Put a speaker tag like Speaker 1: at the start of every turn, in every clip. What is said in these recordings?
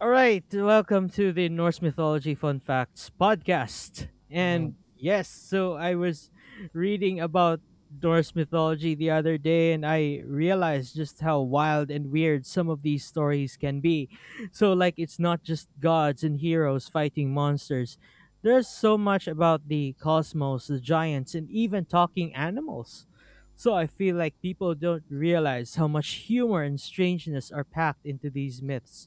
Speaker 1: All right, welcome to the Norse Mythology Fun Facts podcast.
Speaker 2: Mm,
Speaker 1: And yes, so I was reading about Norse mythology the other day and I realized just how wild and weird some of these stories can be. So, like, it's not just gods and heroes fighting monsters. There's so much about the cosmos, the giants, and even talking animals. So, I feel like people don't realize how much humor and strangeness are packed into these myths.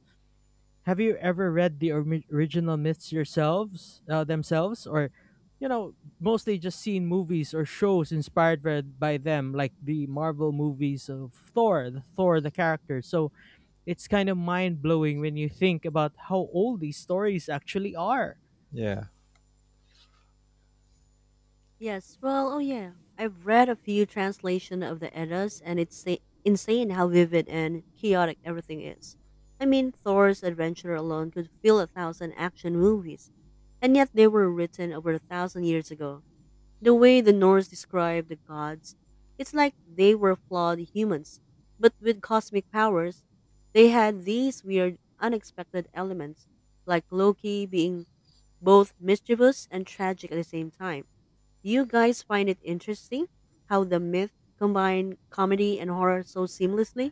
Speaker 1: Have you ever read the original myths themselves, or you know, mostly just seen movies or shows inspired by them, like the Marvel movies of the Thor, the character. So it's kind of mind blowing when you think about how old these stories actually are.
Speaker 2: yeah.
Speaker 3: Yes, well, oh yeah. I've read a few translation of the Eddas and insane how vivid and chaotic everything is. I mean, Thor's adventure alone could fill a thousand action movies, and yet they were written over a thousand years ago. The way the Norse describe the gods, it's like they were flawed humans, but with cosmic powers. They had these weird, unexpected elements, like Loki being both mischievous and tragic at the same time. Do you guys find it interesting how the myth combined comedy and horror so seamlessly?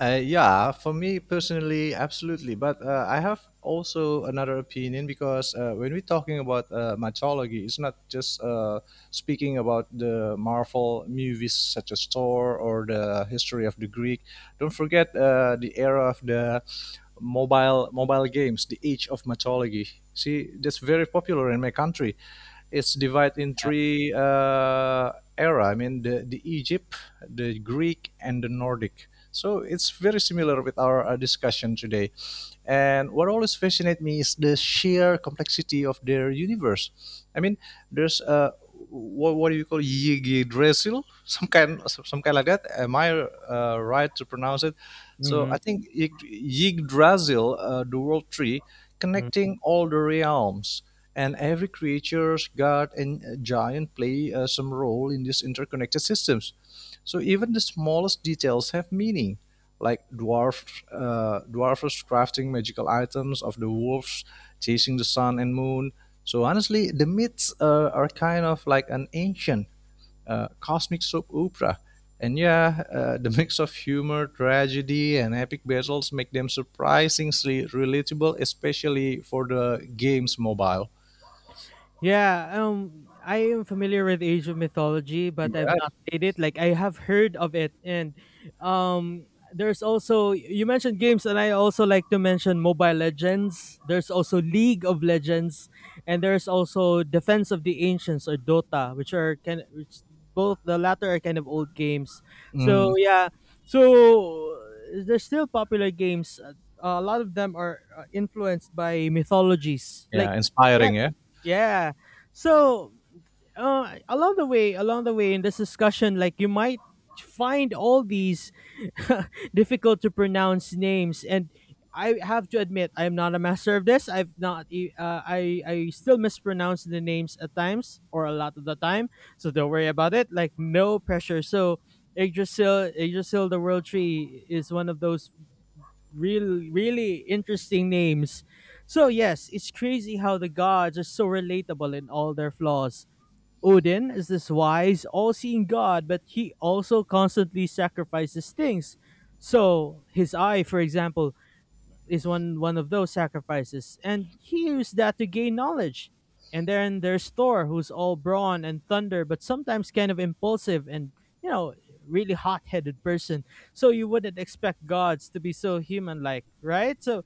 Speaker 2: Yeah, for me personally, absolutely. But I have also another opinion because when we're talking about mythology, it's not just speaking about the Marvel movies such as Thor or the history of the Greek. Don't forget the era of the mobile games, the age of mythology. See, that's very popular in my country. It's divided in
Speaker 1: Yeah.
Speaker 2: three era. I mean, the Egypt, the Greek, and the Nordic. So it's very similar with our discussion today. And what always fascinates me is the sheer complexity of their universe. I mean, there's a what do you call Yggdrasil, Some kind like that. Am I right to pronounce it? So
Speaker 1: Mm-hmm.
Speaker 2: I think Yggdrasil, the world tree, connecting all the realms, and every creatures, god, and giant play some role in these interconnected systems. So even the smallest details have meaning like dwarfs crafting magical items of the wolves chasing the sun and moon. So honestly, the myths are kind of like an ancient cosmic soap opera. And yeah, the mix of humor, tragedy, and epic battles make them surprisingly relatable, especially for the game's mobile.
Speaker 1: Yeah, I am familiar with Asian mythology, but I've
Speaker 2: Yes.
Speaker 1: not played it. Like, I have heard of it. And there's also, you mentioned games, and I also like to mention Mobile Legends. There's also League of Legends, and there's also Defense of the Ancients, or Dota, which both the latter are kind of old games. So
Speaker 2: Mm,
Speaker 1: yeah, so they're still popular games. A lot of them are influenced by mythologies. Like,
Speaker 2: yeah,
Speaker 1: yeah,
Speaker 2: inspiring, yeah.
Speaker 1: yeah, so along the way in this discussion, like, you might find all these difficult to pronounce names. And I have to admit I am not a master of this. I've not. I still mispronounce the names at times, or a lot of the time. So don't worry about it. Like, no pressure. So. Yggdrasil, the world tree, is one of those really interesting names. So yes, it's crazy how the gods are so relatable in all their flaws. Odin is this wise, all-seeing god, but he also constantly sacrifices things. So his eye, for example, is one of those sacrifices, and he used that to gain knowledge. And then there's Thor, who's all brawn and thunder, but sometimes kind of impulsive and you know really hot-headed person. So you wouldn't expect gods to be so human-like, right? So,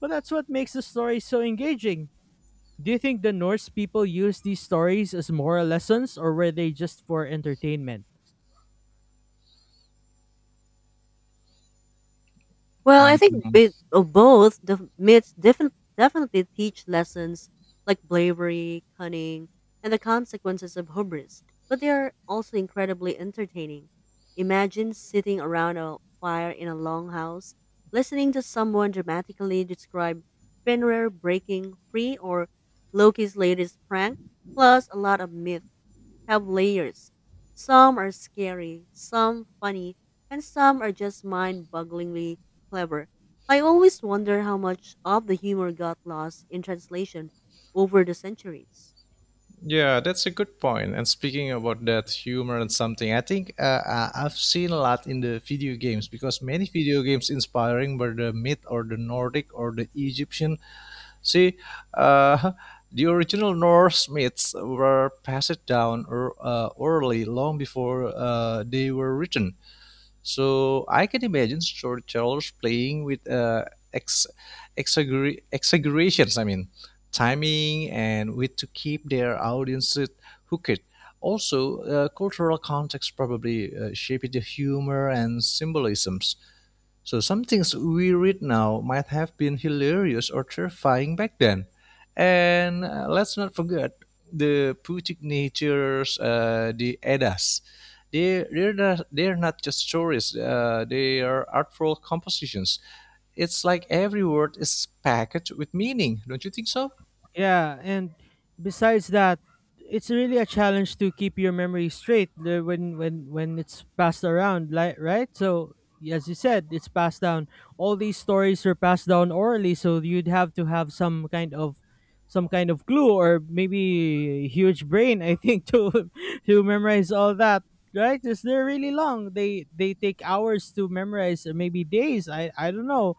Speaker 1: but that's what makes the story so engaging. Do you think the Norse people used these stories as moral lessons, or were they just for entertainment?
Speaker 3: Well, I think
Speaker 2: Mm.
Speaker 3: bit of both. The definitely teach lessons like bravery, cunning, and the consequences of hubris, but they are also incredibly entertaining. Imagine sitting around a fire in a longhouse, listening to someone dramatically describe Fenrir breaking free or Loki's latest prank, plus a lot of myth have layers. Some are scary, some funny, and some are just mind bogglingly clever. I always wonder how much of the humor got lost in translation over the centuries.
Speaker 2: Yeah, that's a good point. And speaking about that humor and something, I think I've seen a lot in the video games because many video games inspiring were the myth or the Nordic or the Egyptian. See, uh, the original Norse myths were passed down or, orally long before they were written. So I can imagine storytellers playing with ex- exaggerations, I mean, timing and with to keep their audience hooked. Also, cultural context probably shaped the humor and symbolism. So some things we read now might have been hilarious or terrifying back then. And let's not forget the Putic natures, the Eddas. They're not just stories, they are artful compositions. It's like every word is packed with meaning. Don't you think so?
Speaker 1: Yeah, and besides that, it's really a challenge to keep your memory straight when it's passed around, like, right? So as you said, it's passed down. All these stories are passed down orally, so you'd have to have some kind of clue, or maybe huge brain, I think, to memorize all that, right? Because they're really long. They take hours to memorize, or maybe days. I don't know.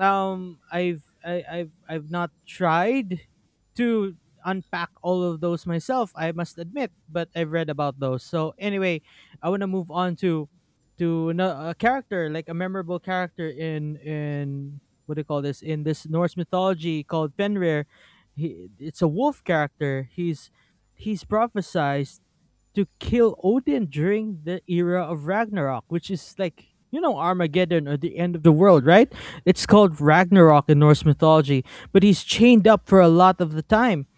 Speaker 1: Um i've I, i've i've not tried to unpack all of those myself, I must admit, but I've read about those. So anyway, I want to move on to a character, like a memorable character, in what do you call this, in this Norse mythology, called Fenrir. It's a wolf character. He's prophesized to kill Odin during the era of Ragnarok, which is like, Armageddon or the end of the world, right? It's called Ragnarok in Norse mythology, but he's chained up for a lot of the time.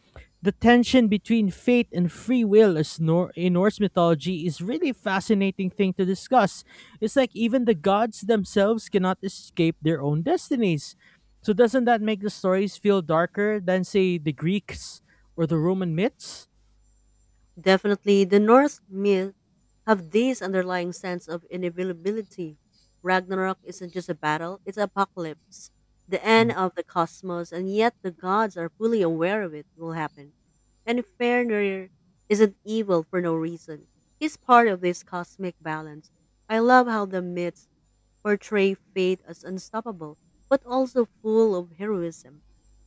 Speaker 1: The tension between fate and free will is nor- in Norse mythology is really a fascinating thing to discuss. It's like even the gods themselves cannot escape their own destinies. So doesn't that make the stories feel darker than, say, the Greeks or the Roman myths?
Speaker 3: Definitely, the Norse myths have this underlying sense of inevitability. Ragnarok isn't just a battle, it's apocalypse, the end of the cosmos, and yet the gods are fully aware of it will happen. And Fenrir isn't evil for no reason. He's part of this cosmic balance. I love how the myths portray fate as unstoppable, but also full of heroism.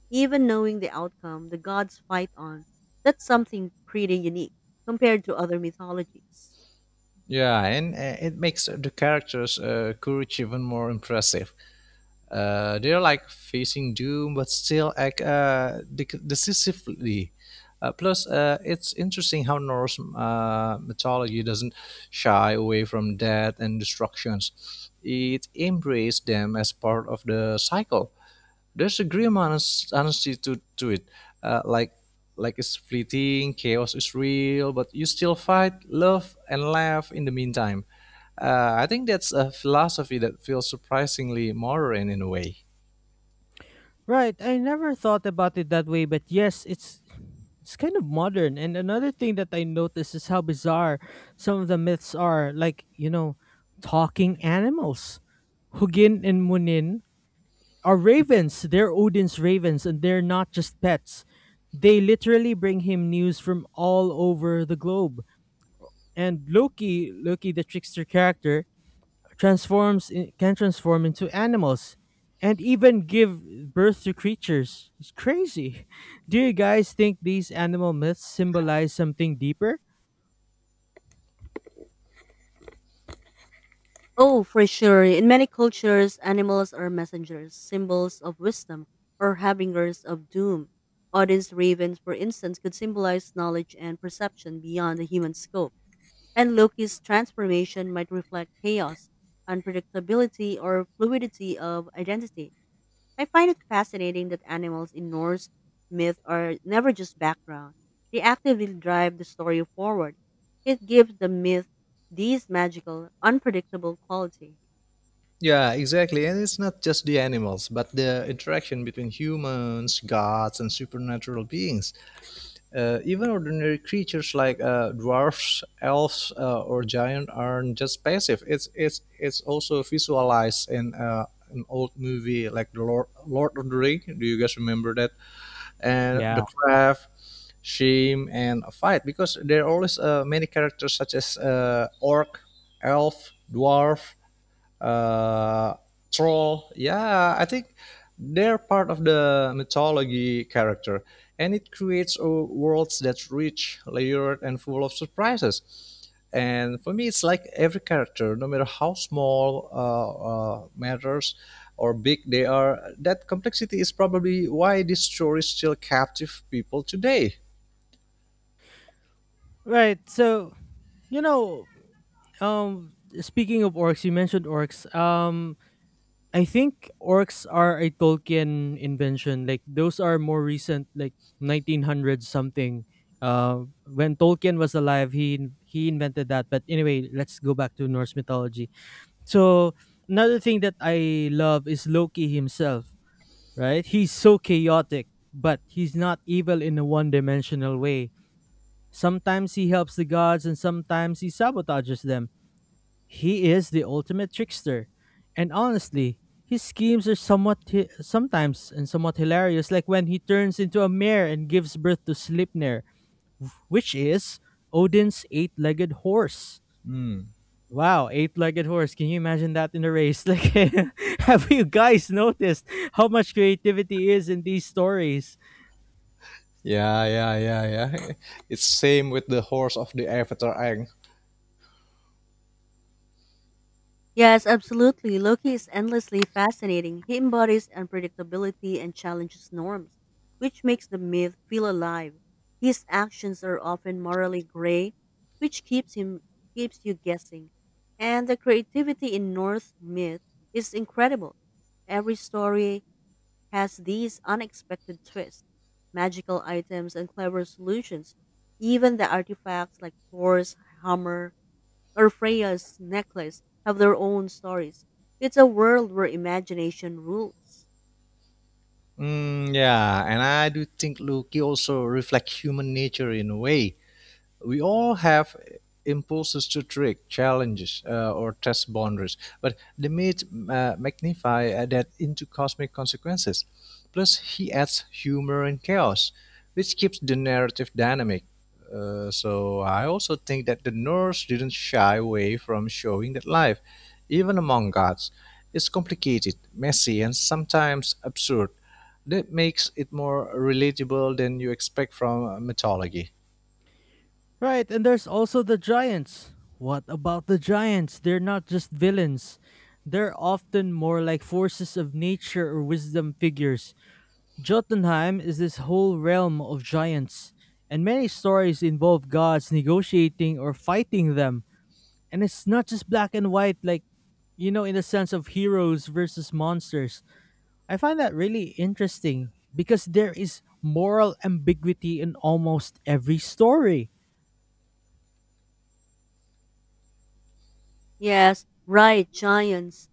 Speaker 3: Even knowing the outcome, the gods fight on. That's something pretty unique compared to other mythologies.
Speaker 2: Yeah, and it makes the characters' courage even more impressive. They're like facing doom, but still act decisively. It's interesting how Norse mythology doesn't shy away from death and destructions. It embraced them as part of the cycle. There's a grim honesty to it, uh, like like it's fleeting, chaos is real, but you still fight, love, and laugh in the meantime. I think that's a philosophy that feels surprisingly modern in a way.
Speaker 1: Right. I never thought about it that way, but yes, it's kind of modern. And another thing that I noticed is how bizarre some of the myths are, like, talking animals. Hugin and Munin are ravens. They're Odin's ravens, and they're not just pets. They literally bring him news from all over the globe. And Loki, the trickster character, can transform into animals and even give birth to creatures. It's crazy. Do you guys think these animal myths symbolize something deeper?
Speaker 3: Oh, for sure. In many cultures, animals are messengers, symbols of wisdom, or harbingers of doom. Odin's ravens, for instance, could symbolize knowledge and perception beyond the human scope. And Loki's transformation might reflect chaos, unpredictability, or fluidity of identity. I find it fascinating that animals in Norse myth are never just background. They actively drive the story forward. It gives the myth these magical, unpredictable quality.
Speaker 2: Yeah, exactly. And it's not just the animals, but the interaction between humans, gods, and supernatural beings. Even ordinary creatures like dwarfs, elves, or giant aren't just passive. It's also visualized in an old movie like the Lord of the Ring. Do you guys remember that? And the
Speaker 1: Yeah.
Speaker 2: craft shame and a fight because there are always many characters such as orc, elf, dwarf, uh, troll. Yeah, I think they're part of the mythology character, and it creates a worlds that's rich, layered, and full of surprises. And for me, it's like every character, no matter how small matters or big they are, that complexity is probably why this story still captive people today.
Speaker 1: Right. So, you know, um, speaking of orcs, you mentioned orcs. I think orcs are a Tolkien invention. Like, those are more recent, like 1900 something. When Tolkien was alive, he invented that. But anyway, let's go back to Norse mythology. So another thing that I love is Loki himself, right? He's so chaotic, but he's not evil in a one-dimensional way. Sometimes he helps the gods, and sometimes he sabotages them. He is the ultimate trickster. And honestly, his schemes are sometimes, and somewhat hilarious, like when he turns into a mare and gives birth to Sleipnir, which is Odin's eight-legged horse.
Speaker 2: Hmm.
Speaker 1: Wow, eight-legged horse. Can you imagine that in a race? Like, have you guys noticed how much creativity is in these stories?
Speaker 2: Yeah, yeah, yeah, yeah. It's same with the horse of the Avatar Aang.
Speaker 3: Yes, absolutely. Loki is endlessly fascinating. He embodies unpredictability and challenges norms, which makes the myth feel alive. His actions are often morally gray, which keeps you guessing. And the creativity in Norse myth is incredible. Every story has these unexpected twists, magical items and clever solutions. Even the artifacts like Thor's hammer or Freya's necklace have their own stories. It's a world where imagination rules.
Speaker 2: Mm, yeah, and I do think Loki also reflects human nature in a way. We all have impulses to trick, challenges, or test boundaries, but the myth magnify that into cosmic consequences. Plus, he adds humor and chaos, which keeps the narrative dynamic. So I also think that the Norse didn't shy away from showing that life, even among gods, is complicated, messy, and sometimes absurd. That makes it more relatable than you expect from mythology.
Speaker 1: Right, and there's also the giants. What about the giants? They're not just villains. They're often more like forces of nature or wisdom figures. Jotunheim is this whole realm of giants, and many stories involve gods negotiating or fighting them. And it's not just black and white, like, in the sense of heroes versus monsters. I find that really interesting because there is moral ambiguity in almost every story.
Speaker 3: Yes, right, giants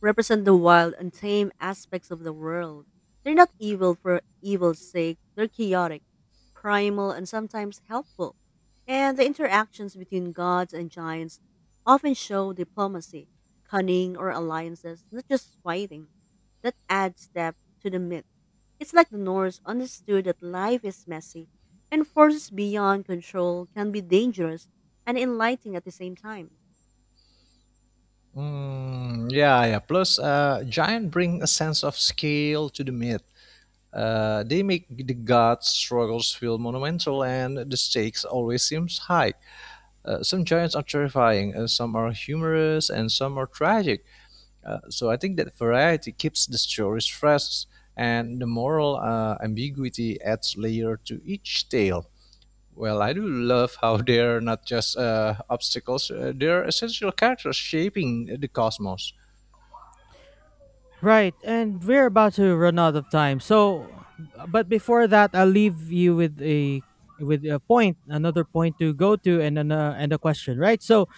Speaker 3: represent the wild, and tame aspects of the world. They're not evil for evil's sake, they're chaotic, primal, and sometimes helpful. And the interactions between gods and giants often show diplomacy, cunning, or alliances, not just fighting. That adds depth to the myth. It's like the Norse understood that life is messy, and forces beyond control can be dangerous and enlightening at the same time.
Speaker 2: Mm, yeah, yeah. Plus, giant bring a sense of scale to the myth. They make the gods' struggles feel monumental, and the stakes always seems high. Some giants are terrifying, some are humorous, and some are tragic. So I think that variety keeps the stories fresh, and the moral ambiguity adds layer to each tale. Well, I do love how they're not just obstacles; they're essential characters shaping the cosmos.
Speaker 1: Right, and we're about to run out of time. So, but before that, I'll leave you with a point, another point to go to, and a question. Right. So,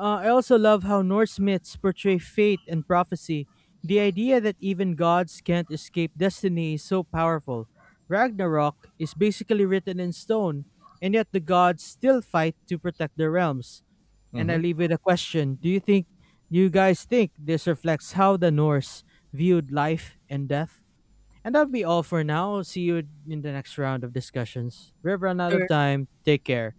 Speaker 1: I also love how Norse myths portray fate and prophecy. The idea that even gods can't escape destiny is so powerful. Ragnarok is basically written in stone, and yet the gods still fight to protect their realms. And I
Speaker 2: Mhm.
Speaker 1: leave with a question: you guys think this reflects how the Norse viewed life and death? And that'll be all for now. See you in the next round of discussions. We've run out of time. Take care.